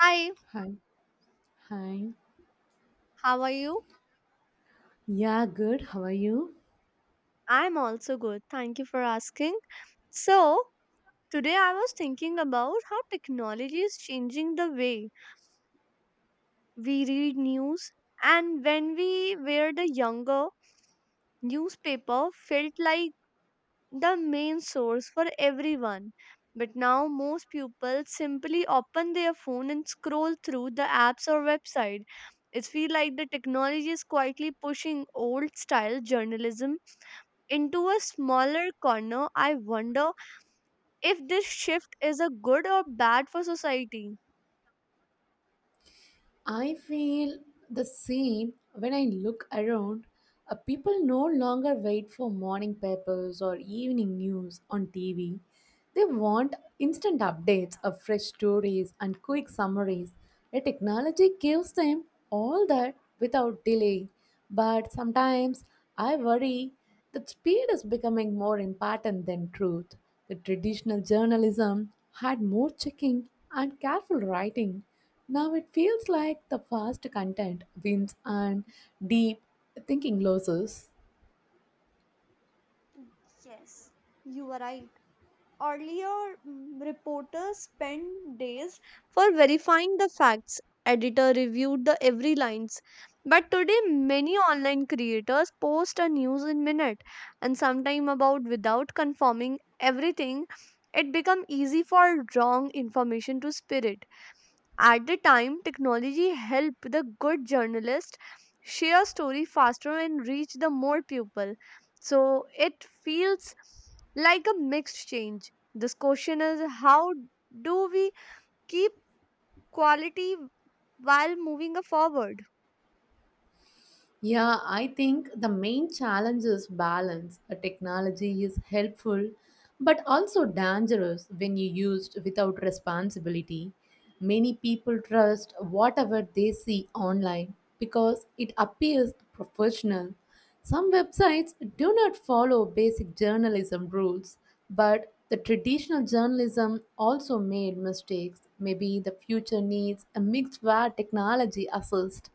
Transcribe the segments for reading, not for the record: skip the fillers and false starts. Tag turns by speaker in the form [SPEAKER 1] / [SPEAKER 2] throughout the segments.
[SPEAKER 1] Hi,
[SPEAKER 2] Hi. Hi.
[SPEAKER 1] how are you?
[SPEAKER 2] Yeah, good. How are you?
[SPEAKER 1] I'm also good. Thank you for asking. So, today I was thinking about how technology is changing the way we read news. And when we were the younger, newspaper felt like the main source for everyone. But now most people simply open their phone and scroll through the apps or website. It feels like the technology is quietly pushing old style journalism into a smaller corner. I wonder if this shift is a good or bad for society.
[SPEAKER 2] I feel the same when I look around. People no longer wait for morning papers or evening news on TV. They want instant updates of fresh stories and quick summaries. The technology gives them all that without delay. But sometimes I worry that speed is becoming more important than truth. The traditional journalism had more checking and careful writing. Now it feels like the fast content wins and deep thinking loses.
[SPEAKER 1] Yes, you are right. Earlier, reporters spent days for verifying the facts. Editor reviewed the every lines. But today, many online creators post a news in minute and sometime about without confirming everything. It become easy for wrong information to spread. At the time, technology helped the good journalist share story faster and reach the more people. So it feels like a mixed change. This question is how do we keep quality while moving forward?
[SPEAKER 2] Yeah, I think the main challenge is balance. A technology is helpful but also dangerous when you used without responsibility. Many people trust whatever they see online because it appears professional. Some websites do not follow basic journalism rules, but the traditional journalism also made mistakes. Maybe the future needs a mix where technology assists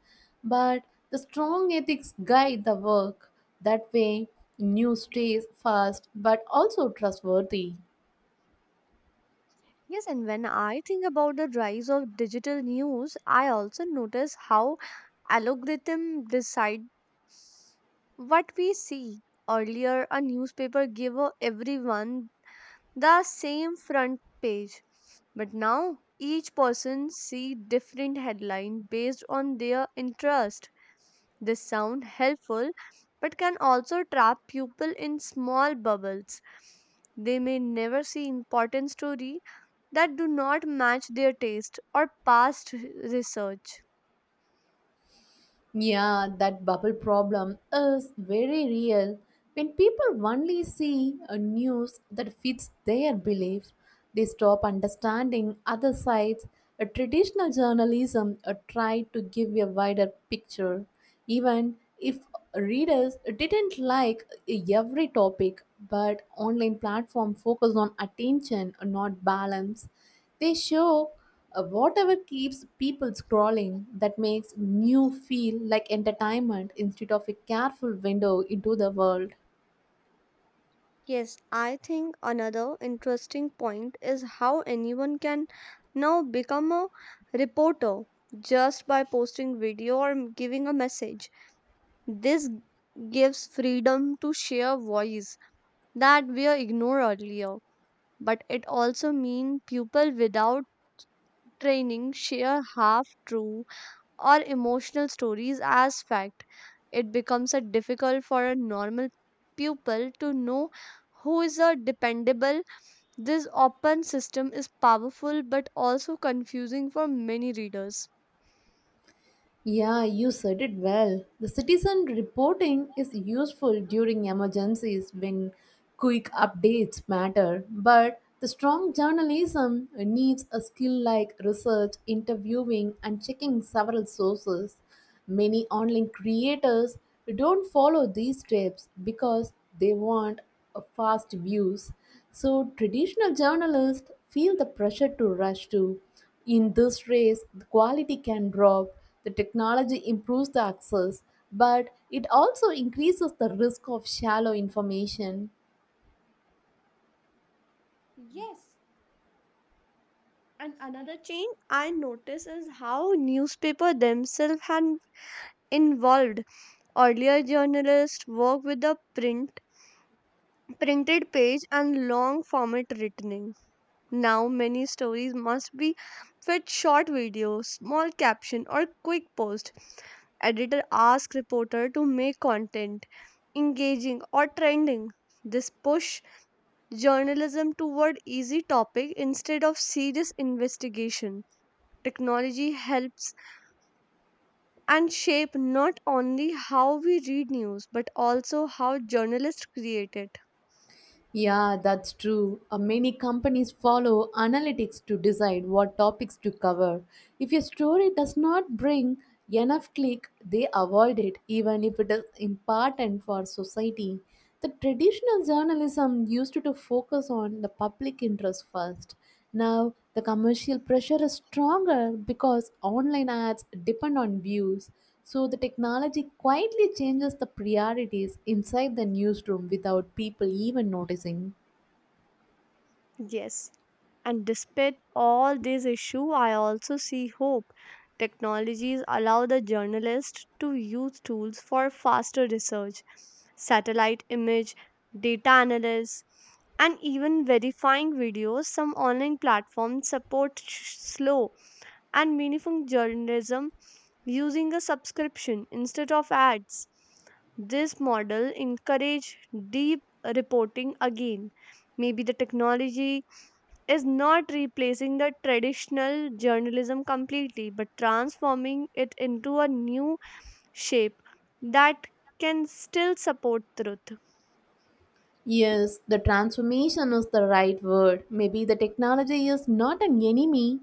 [SPEAKER 2] but the strong ethics guide the work. That way, news stays fast but also trustworthy.
[SPEAKER 1] Yes, and when I think about the rise of digital news, I also notice how algorithm decide what we see. Earlier, a newspaper gave everyone the same front page. But now each person see different headline based on their interest. This sound helpful but can also trap people in small bubbles. They may never see important story that do not match their taste or past research.
[SPEAKER 2] Yeah, that bubble problem is very real. When people only see a news that fits their beliefs, they stop understanding other sides. A traditional journalism tried to give a wider picture, even if readers didn't like every topic. But online platform focus on attention, not balance. They show whatever keeps people scrolling that makes new feel like entertainment instead of a careful window into the world.
[SPEAKER 1] Yes, I think another interesting point is how anyone can now become a reporter just by posting video or giving a message. This gives freedom to share voice that were ignored earlier. But it also means people without training share half true or emotional stories as fact. It becomes a difficult for a normal pupil to know who is a dependable this open system is powerful but also confusing for many readers.
[SPEAKER 2] Yeah, you said it well. The citizen reporting is useful during emergencies when quick updates matter, but the strong journalism needs a skill like research, interviewing, and checking several sources. Many online creators don't follow these steps because they want a fast views. So, traditional journalists feel the pressure to rush too in this race, the quality can drop. The technology improves the access, but it also increases the risk of shallow information.
[SPEAKER 1] Yes, and another change I notice is how newspaper themselves had involved. Earlier, journalists worked with the print, printed page and long format writing. Now, many stories must be fit short videos, small caption, or quick post. Editor asks reporter to make content engaging or trending. This push journalism toward easy topic instead of serious investigation. Technology helps and shape not only how we read news but also how journalists create it.
[SPEAKER 2] Yeah, that's true. Many companies follow analytics to decide what topics to cover. If your story does not bring enough click, they avoid it, even if it is important for society. The traditional journalism used to focus on the public interest first. Now, the commercial pressure is stronger because online ads depend on views. So, the technology quietly changes the priorities inside the newsroom without people even noticing.
[SPEAKER 1] Yes, and despite all these issues, I also see hope. Technologies allow the journalist to use tools for faster research, satellite image, data analysis, and even verifying videos. Some online platforms support slow and meaningful journalism using a subscription instead of ads. This model encourage deep reporting again. Maybe the technology is not replacing the traditional journalism completely, but transforming it into a new shape that can still support truth.
[SPEAKER 2] Yes, the transformation is the right word. Maybe the technology is not an enemy,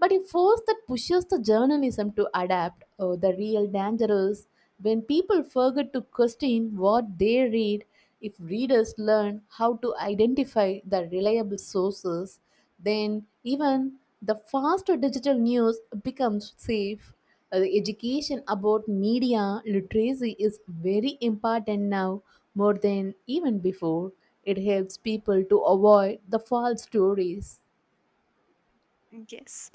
[SPEAKER 2] but a force that pushes the journalism to adapt, oh, the real danger is when people forget to question what they read. If readers learn how to identify the reliable sources, then even the faster digital news becomes safe. The education about media literacy is very important now, more than even before. It helps people to avoid the false stories.
[SPEAKER 1] Yes,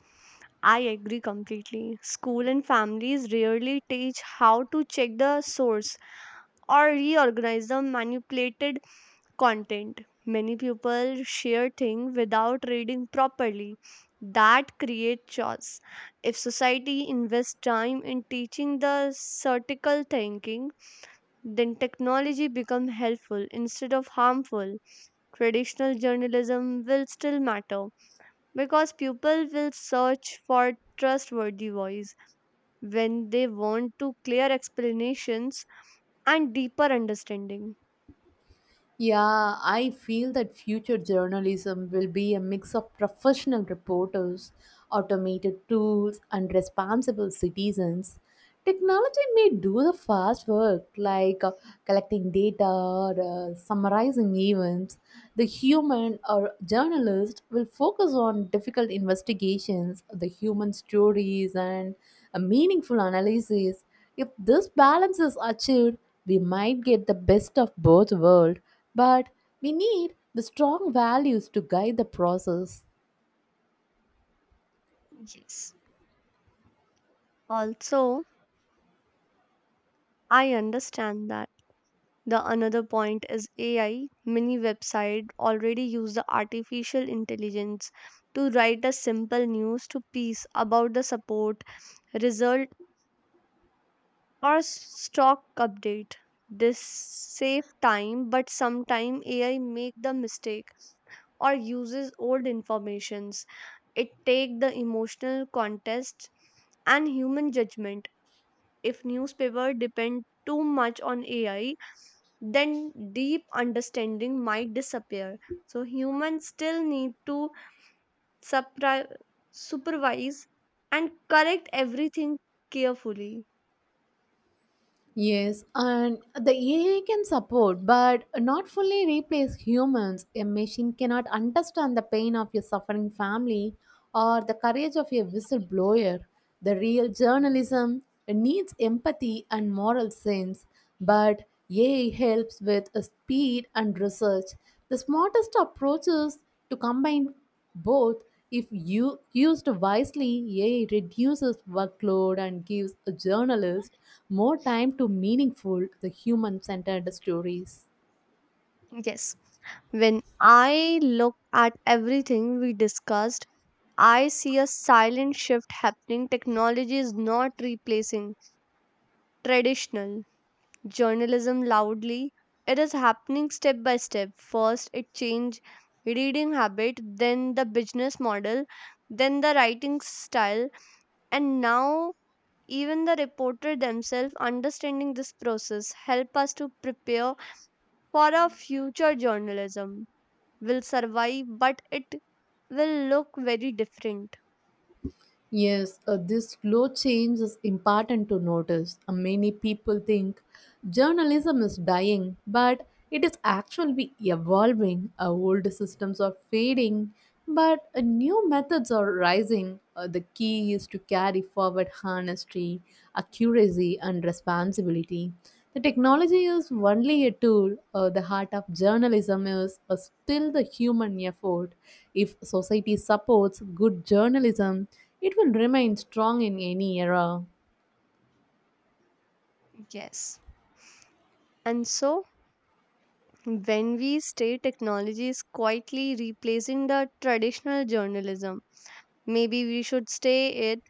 [SPEAKER 1] I agree completely. School and families rarely teach how to check the source or reorganize the manipulated content. Many people share things without reading properly. That creates chaos. If society invests time in teaching the critical thinking, then technology become helpful instead of harmful. Traditional journalism will still matter because people will search for trustworthy voice when they want to clear explanations and deeper understanding.
[SPEAKER 2] Yeah, I feel that future journalism will be a mix of professional reporters, automated tools, and responsible citizens. Technology may do the fast work like collecting data or summarizing events. The human or journalist will focus on difficult investigations, the human stories, and a meaningful analysis. If this balance is achieved, we might get the best of both worlds but we need the strong values to guide the process.
[SPEAKER 1] Yes. Also, I understand that the another point is AI. Many websites already use the artificial intelligence to write a simple news to piece about the support, result, or stock update. This save time, but sometimes AI make the mistake or uses old informations. It take the emotional context and human judgment. If newspaper depend too much on AI, then deep understanding might disappear. So humans still need to supri- supervise and correct everything carefully.
[SPEAKER 2] Yes, and the AI can support, but not fully replace humans. A machine cannot understand the pain of your suffering family or the courage of your whistleblower. The real journalism needs empathy and moral sense, but AI helps with speed and research. The smartest approach is to combine both, if you used wisely, AI reduces workload and gives a journalist more time to meaningful, the human-centered stories.
[SPEAKER 1] Yes, when I look at everything we discussed, I see a silent shift happening. Technology is not replacing traditional journalism loudly, it is happening step by step. First it changed reading habit, then the business model, then the writing style, and now even the reporter themselves. Understanding this process help us to prepare for our future. Journalism will survive, but it will look very different.
[SPEAKER 2] Yes, this slow change is important to notice. Many people think journalism is dying, but it is actually evolving. Old systems are fading, but new methods are rising. The key is to carry forward honesty, accuracy, and responsibility. The technology is only a tool. The heart of journalism is still the human effort. If society supports good journalism, it will remain strong in any era.
[SPEAKER 1] Yes, and so when we say technology is quietly replacing the traditional journalism, maybe we should stay it,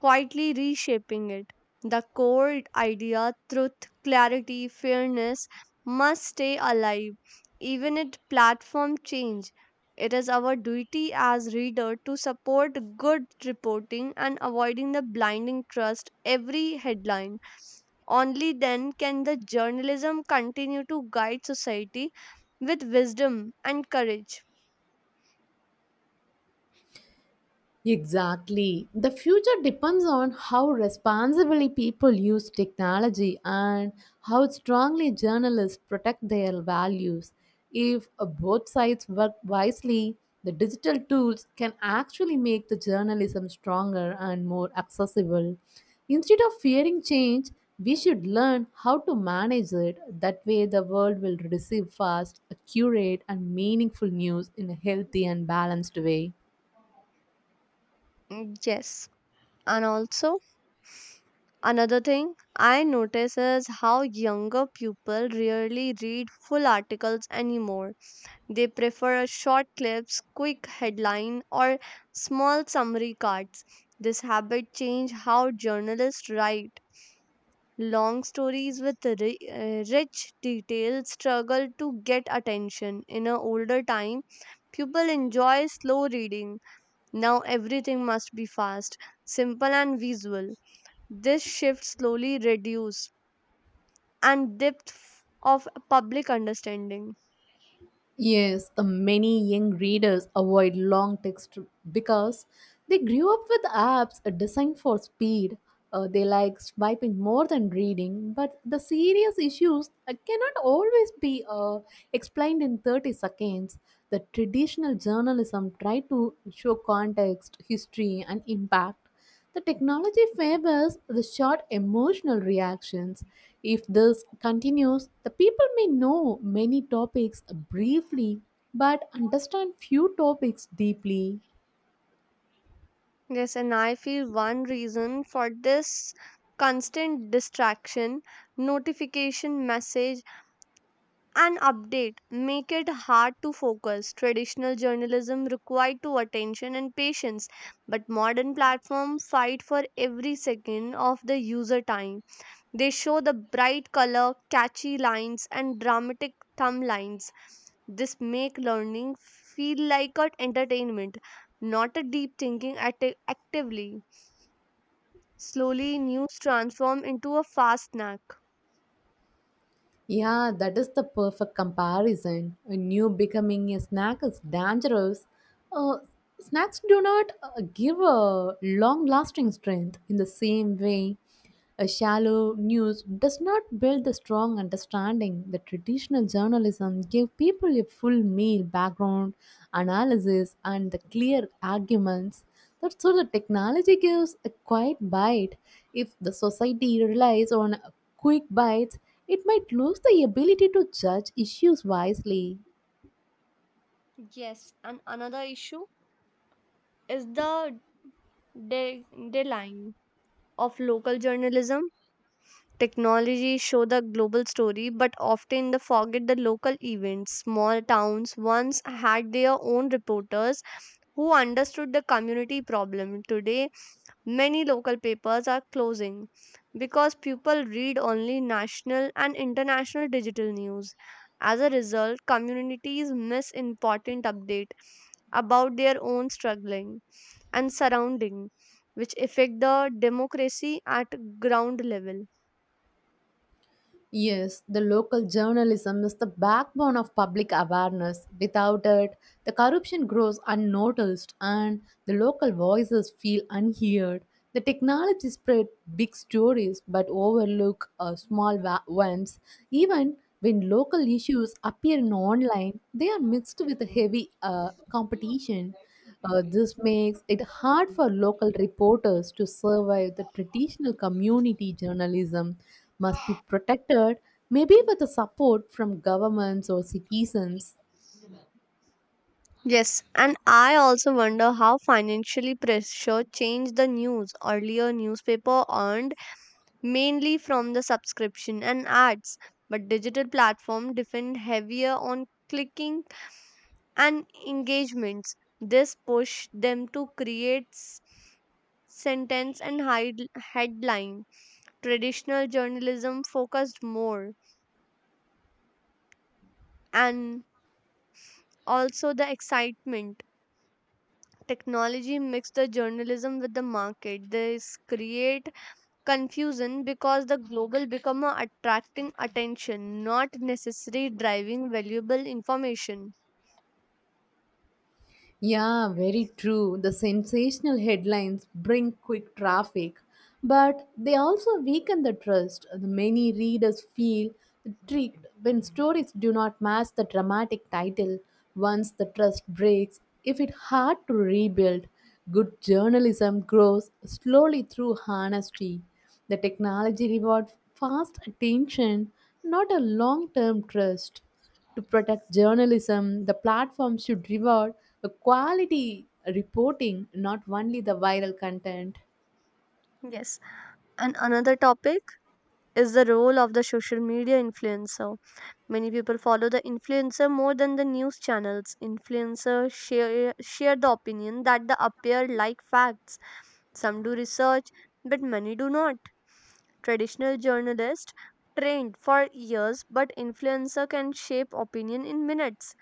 [SPEAKER 1] quietly reshaping it. The core idea, truth, clarity, fairness, must stay alive, even if platform change. It is our duty as reader to support good reporting and avoiding the blinding trust every headline. Only then can the journalism continue to guide society with wisdom and courage.
[SPEAKER 2] Exactly. The future depends on how responsibly people use technology and how strongly journalists protect their values. If both sides work wisely, the digital tools can actually make the journalism stronger and more accessible. Instead of fearing change, we should learn how to manage it. That way, the world will receive fast, accurate, and meaningful news in a healthy and balanced way.
[SPEAKER 1] Mm, yes, and also another thing I notice is how younger people rarely read full articles anymore. They prefer short clips, quick headline, or small summary cards. This habit changed how journalists write. Long stories with rich details struggle to get attention. In an older time, people enjoy slow reading. Now everything must be fast, simple, and visual. This shift slowly reduces and depth of public understanding.
[SPEAKER 2] Yes, the many young readers avoid long text because they grew up with apps designed for speed. They like swiping more than reading, but the serious issues cannot always be explained in 30 seconds. The traditional journalism tried to show context, history, and impact, the technology favors the short emotional reactions. If this continues, the people may know many topics briefly but understand few topics deeply.
[SPEAKER 1] Yes, and I feel one reason for this constant distraction, notification, message, and update make it hard to focus. Traditional journalism required to attention and patience, but modern platforms fight for every second of the user time. They show the bright color, catchy lines, and dramatic thumb lines. This make learning feel like an entertainment, not a deep thinking actively. Slowly, news transform into a fast snack.
[SPEAKER 2] Yeah, that is the perfect comparison. A new becoming a snack is dangerous. Uh, Snacks do not give a long lasting strength in the same way. A shallow news does not build the strong understanding that traditional journalism gave people a full meal background, analysis, and the clear arguments. That's so the technology gives a quiet bite. If the society relies on quick bites, it might lose the ability to judge issues wisely.
[SPEAKER 1] Yes, and another issue is the de- deadline of local journalism. Technology show the global story, but often they forget the local events. Small towns once had their own reporters who understood the community problem. Today, many local papers are closing because people read only national and international digital news. As a result, communities miss important update about their own struggling and surrounding which affect the democracy at ground level.
[SPEAKER 2] Yes, the local journalism is the backbone of public awareness. Without it, the corruption grows unnoticed and the local voices feel unheard. The technology spread big stories but overlook small ones. Even when local issues appear in online, they are mixed with heavy competition. This makes it hard for local reporters to survive. The traditional community journalism must be protected, maybe with the support from governments or citizens.
[SPEAKER 1] Yes, and I also wonder how financially pressure changed the news. Earlier newspaper earned mainly from the subscription and ads. But digital platform depend heavier on clicking and engagements. This push them to create sentence and headline. Traditional journalism focused more and also the excitement. Technology mixed the journalism with the market. This create confusion because the global become a attracting attention not necessary driving valuable information.
[SPEAKER 2] Yeah, very true. The sensational headlines bring quick traffic, but they also weaken the trust. The many readers feel tricked when stories do not match the dramatic title. Once the trust breaks, if it's hard to rebuild, good journalism grows slowly through honesty. The technology rewards fast attention, not a long term trust. To protect journalism, the platform should reward the quality reporting, not only the viral content.
[SPEAKER 1] Yes, and another topic is the role of the social media influencer. Many people follow the influencer more than the news channels. Influencers share the opinion that the appear like facts. Some do research but many do not. Traditional journalists trained for years but influencer can shape opinion in minutes.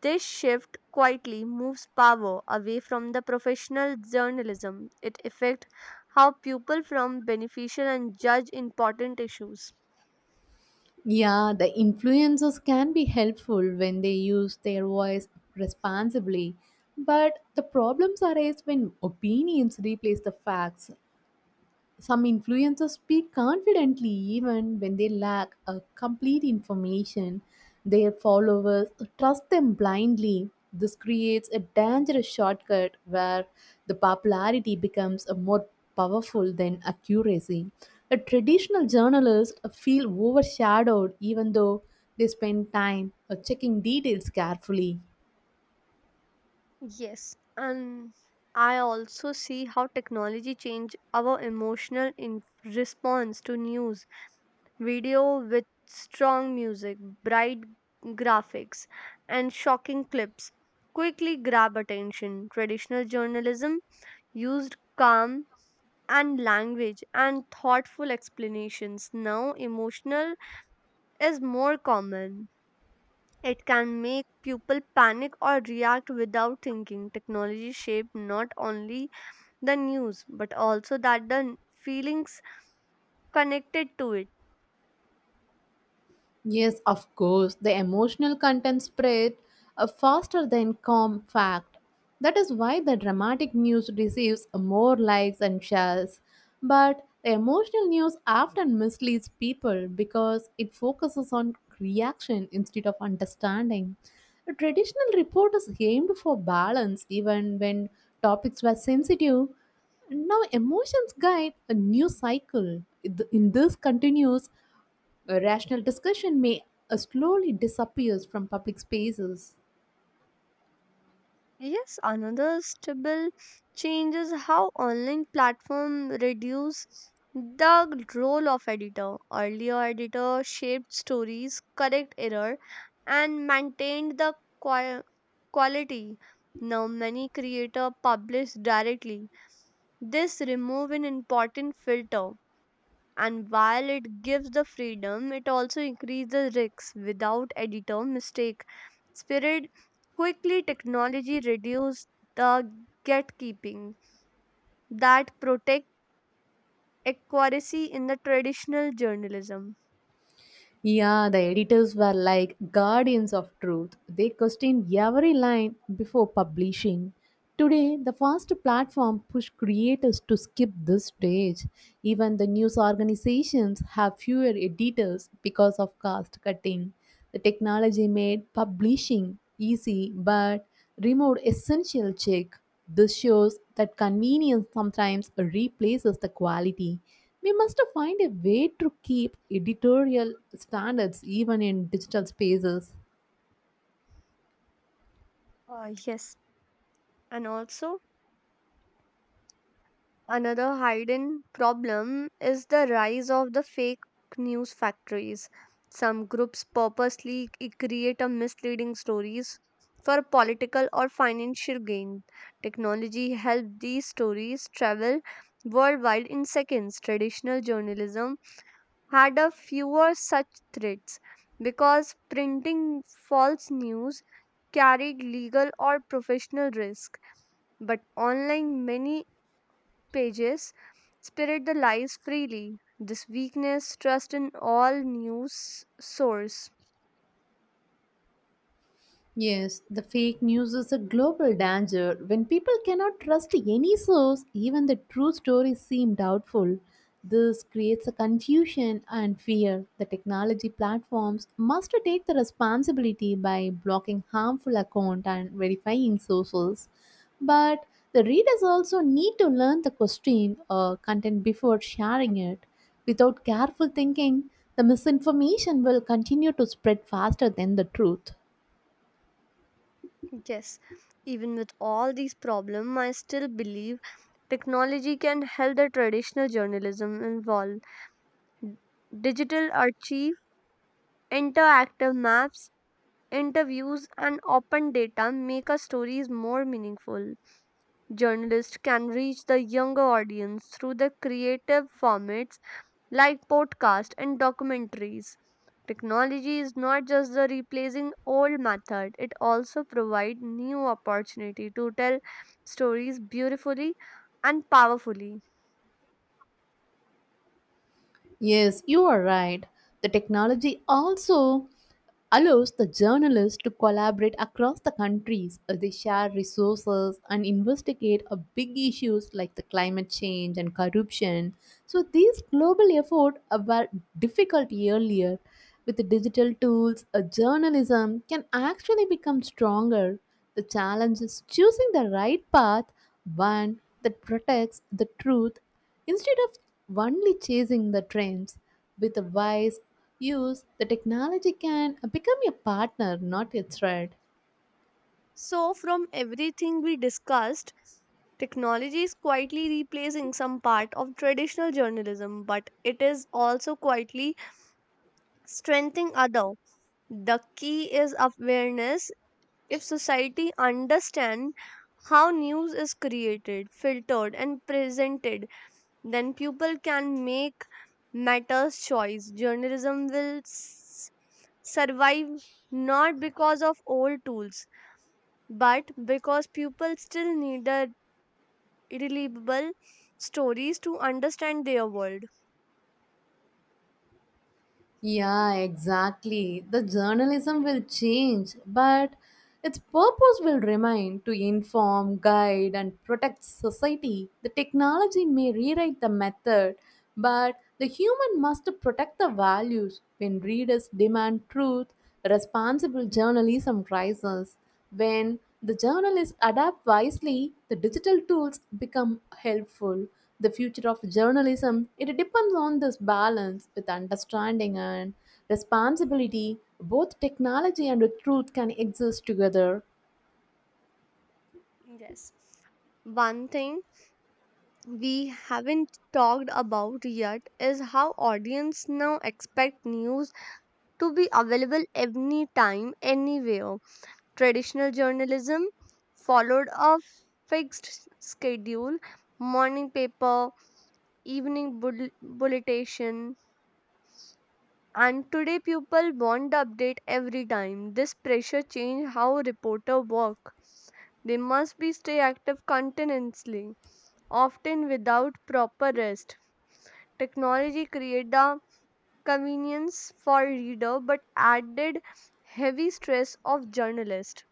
[SPEAKER 1] This shift quietly moves power away from the professional journalism. It affects how people from beneficial and judge important issues.
[SPEAKER 2] Yeah, the influencers can be helpful when they use their voice responsibly, but the problems arise when opinions replace the facts. Some influencers speak confidently even when they lack a complete information. Their followers trust them blindly. This creates a dangerous shortcut where the popularity becomes a more powerful than accuracy. A traditional journalist feel overshadowed even though they spend time checking details carefully.
[SPEAKER 1] Yes, and I also see how technology change our emotional in response to news. Video with strong music, bright graphics, and shocking clips quickly grab attention. Traditional journalism used calm and language and thoughtful explanations. Now, emotional is more common. It can make people panic or react without thinking. Technology shaped not only the news but also that the feelings connected to it.
[SPEAKER 2] Yes, of course. The emotional content spread faster than calm fact. That is why the dramatic news receives more likes and shares. But the emotional news often misleads people because it focuses on reaction instead of understanding. The traditional report is aimed for balance even when topics were sensitive. Now, emotions guide a new cycle. It- In this continues, a rational discussion may slowly disappears from public spaces.
[SPEAKER 1] Yes, another stable change is how online platform reduce the role of editor. Earlier editor shaped stories, correct error, and maintained the qua- quality. Now many creator publish directly. This remove an important filter. And while it gives the freedom, it also increases risks without editor mistake. Spirit quickly technology reduced the gatekeeping that protect accuracy in the traditional journalism.
[SPEAKER 2] Yeah, the editors were like guardians of truth. They questioned every line before publishing. Today, the fast platform push creators to skip this stage. Even the news organizations have fewer editors because of cost cutting. The technology made publishing easy but removed essential check. This shows that convenience sometimes replaces the quality. We must find a way to keep editorial standards even in digital spaces.
[SPEAKER 1] Yes, and also another hidden problem is the rise of the fake news factories. Some groups purposely create a misleading stories for political or financial gain. Technology helped these stories travel worldwide in seconds. Traditional journalism had a fewer such threats because printing false news carried legal or professional risk, but online many pages spirit the lies freely. This weakness, trust in all news source.
[SPEAKER 2] Yes, the fake news is a global danger. When people cannot trust any source, even the true stories seem doubtful. This creates a confusion and fear. The technology platforms must take the responsibility by blocking harmful account and verifying sources. But the readers also need to learn the question or content before sharing it. Without careful thinking, the misinformation will continue to spread faster than the truth.
[SPEAKER 1] Yes, even with all these problems, I still believe technology can help the traditional journalism evolve. Digital archive, interactive maps, interviews, and open data make our stories more meaningful. Journalists can reach the younger audience through the creative format like podcasts and documentaries. Technology is not just the replacing old method, it also provides new opportunity to tell stories beautifully and powerfully.
[SPEAKER 2] Yes, you are right. The technology also allows the journalists to collaborate across the countries. They share resources and investigate big issues like the climate change and corruption. So these global efforts were difficult earlier. With digital tools, a journalism can actually become stronger. The challenge is choosing the right path, one that protects the truth instead of only chasing the trends. With a wise use, the technology can become a partner, not a threat.
[SPEAKER 1] So from everything we discussed, technology is quietly replacing some part of traditional journalism, but it is also quietly strengthening other. The key is awareness. If society understand how news is created, filtered and presented, then people can make matters choice. Journalism will survive not because of old tools, but because people still need the reliable stories to understand their world.
[SPEAKER 2] Yeah, exactly. The journalism will change, but its purpose will remain to inform, guide, and protect society. The technology may rewrite the method, but the human must protect the values. When readers demand truth, responsible journalism rises. When the journalists adapt wisely, the digital tools become helpful the future of journalism it depends on this balance with understanding and responsibility both technology and truth can exist together.
[SPEAKER 1] Yes. One thing we haven't talked about yet is how audience now expect news to be available anytime, anywhere. Traditional journalism followed a fixed schedule, morning paper, evening bulletin, and today people want the update every time. This pressure changed how reporter work. They must be stay active continuously, often without proper rest. Technology created the convenience for reader but added heavy stress of journalist.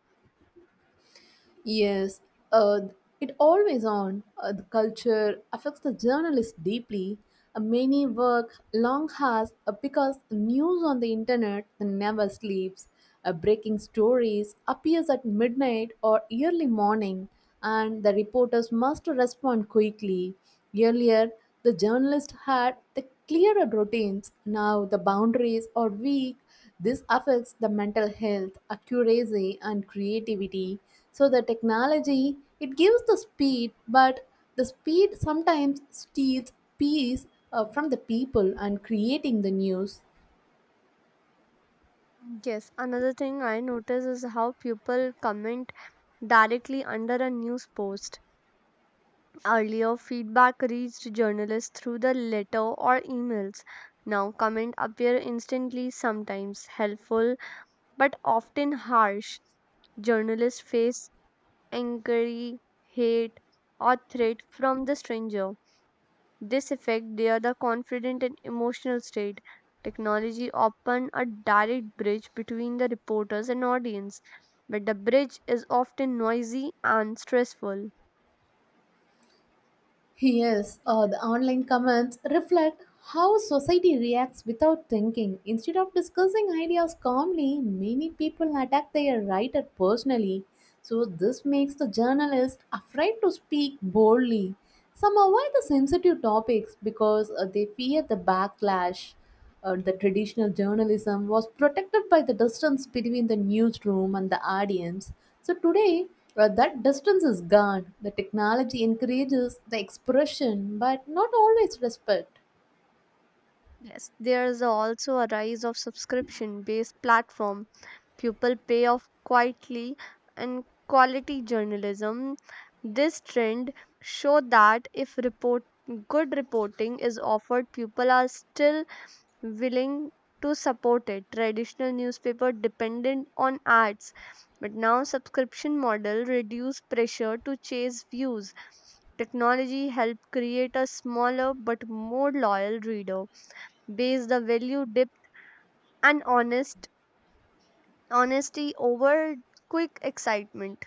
[SPEAKER 2] Yes, uh, it always on the culture affects the journalist deeply. Many work long hours because news on the internet never sleeps. Breaking stories appears at midnight or early morning and the reporters must respond quickly. Earlier, the journalists had the clearer routines. Now, the boundaries are weak. This affects the mental health, accuracy, and creativity. So, the technology it gives the speed, but the speed sometimes steals peace from the people and creating the news.
[SPEAKER 1] Yes, another thing I notice is how people comment directly under a news post. Earlier, feedback reached journalists through the letter or emails. Now, comment appear instantly, sometimes helpful, but often harsh. Journalists face inquiry, hate, or threat from the stranger. This affects their the confident and emotional state. Technology often a direct bridge between the reporters and audience, but the bridge is often noisy and stressful.
[SPEAKER 2] Yes, the online comments reflect how society reacts without thinking. Instead of discussing ideas calmly, many people attack their writer personally. So, this makes the journalist afraid to speak boldly. Some avoid the sensitive topics because they fear the backlash the traditional journalism was protected by the distance between the newsroom and the audience. So today, that distance is gone. The technology encourages the expression, but not always respect.
[SPEAKER 1] Yes. There is also a rise of subscription-based platform. People pay off quietly and quality journalism. This trend show that if report good reporting is offered, people are still willing to support it. Traditional newspaper dependent on ads, but now subscription model reduce pressure to chase views. Technology help create a smaller but more loyal reader. Base the value depth and honesty over quick excitement.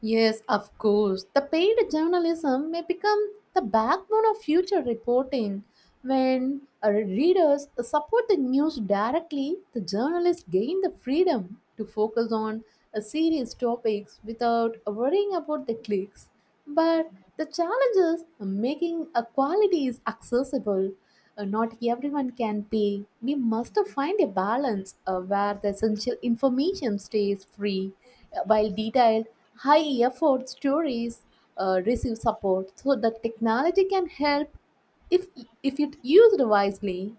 [SPEAKER 2] Yes, of course. The paid journalism may become the backbone of future reporting. When our readers support the news directly, the journalists gain the freedom to focus on a serious topics without worrying about the clicks. But the challenge is making a quality is accessible. Not everyone can pay. We must find a balance where the essential information stays free, while detailed, high effort stories receive support so that technology can help if, if it used wisely.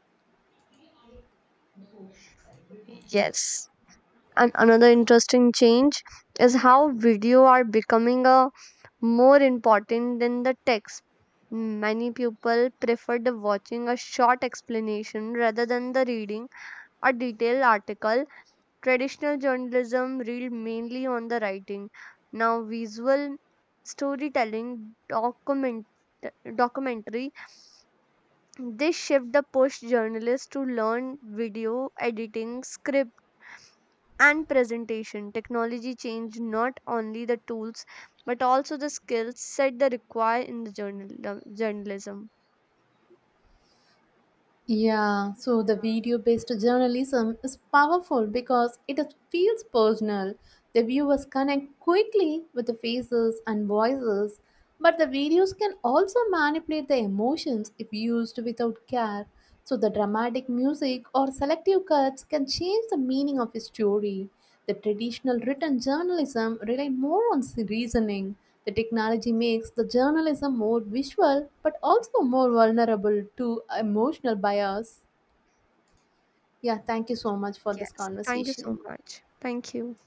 [SPEAKER 1] Yes, and another interesting change is how video are becoming a more important than the text. Many people prefer the watching a short explanation rather than the reading a detailed article. Traditional journalism read mainly on the writing. Now visual storytelling documentary this shift the push journalists to learn video editing script and presentation. Technology changed not only the tools but also the skills set the require in the journalism.
[SPEAKER 2] Yeah, so the video based journalism is powerful because it is- feels personal. The viewers connect quickly with the faces and voices, but the videos can also manipulate the emotions if used without care. So, the dramatic music or selective cuts can change the meaning of a story. The traditional written journalism relied more on s- reasoning. The technology makes the journalism more visual but also more vulnerable to emotional bias. Yeah, thank you so much for this
[SPEAKER 1] Yes, thank you
[SPEAKER 2] conversation.
[SPEAKER 1] so much. Thank you.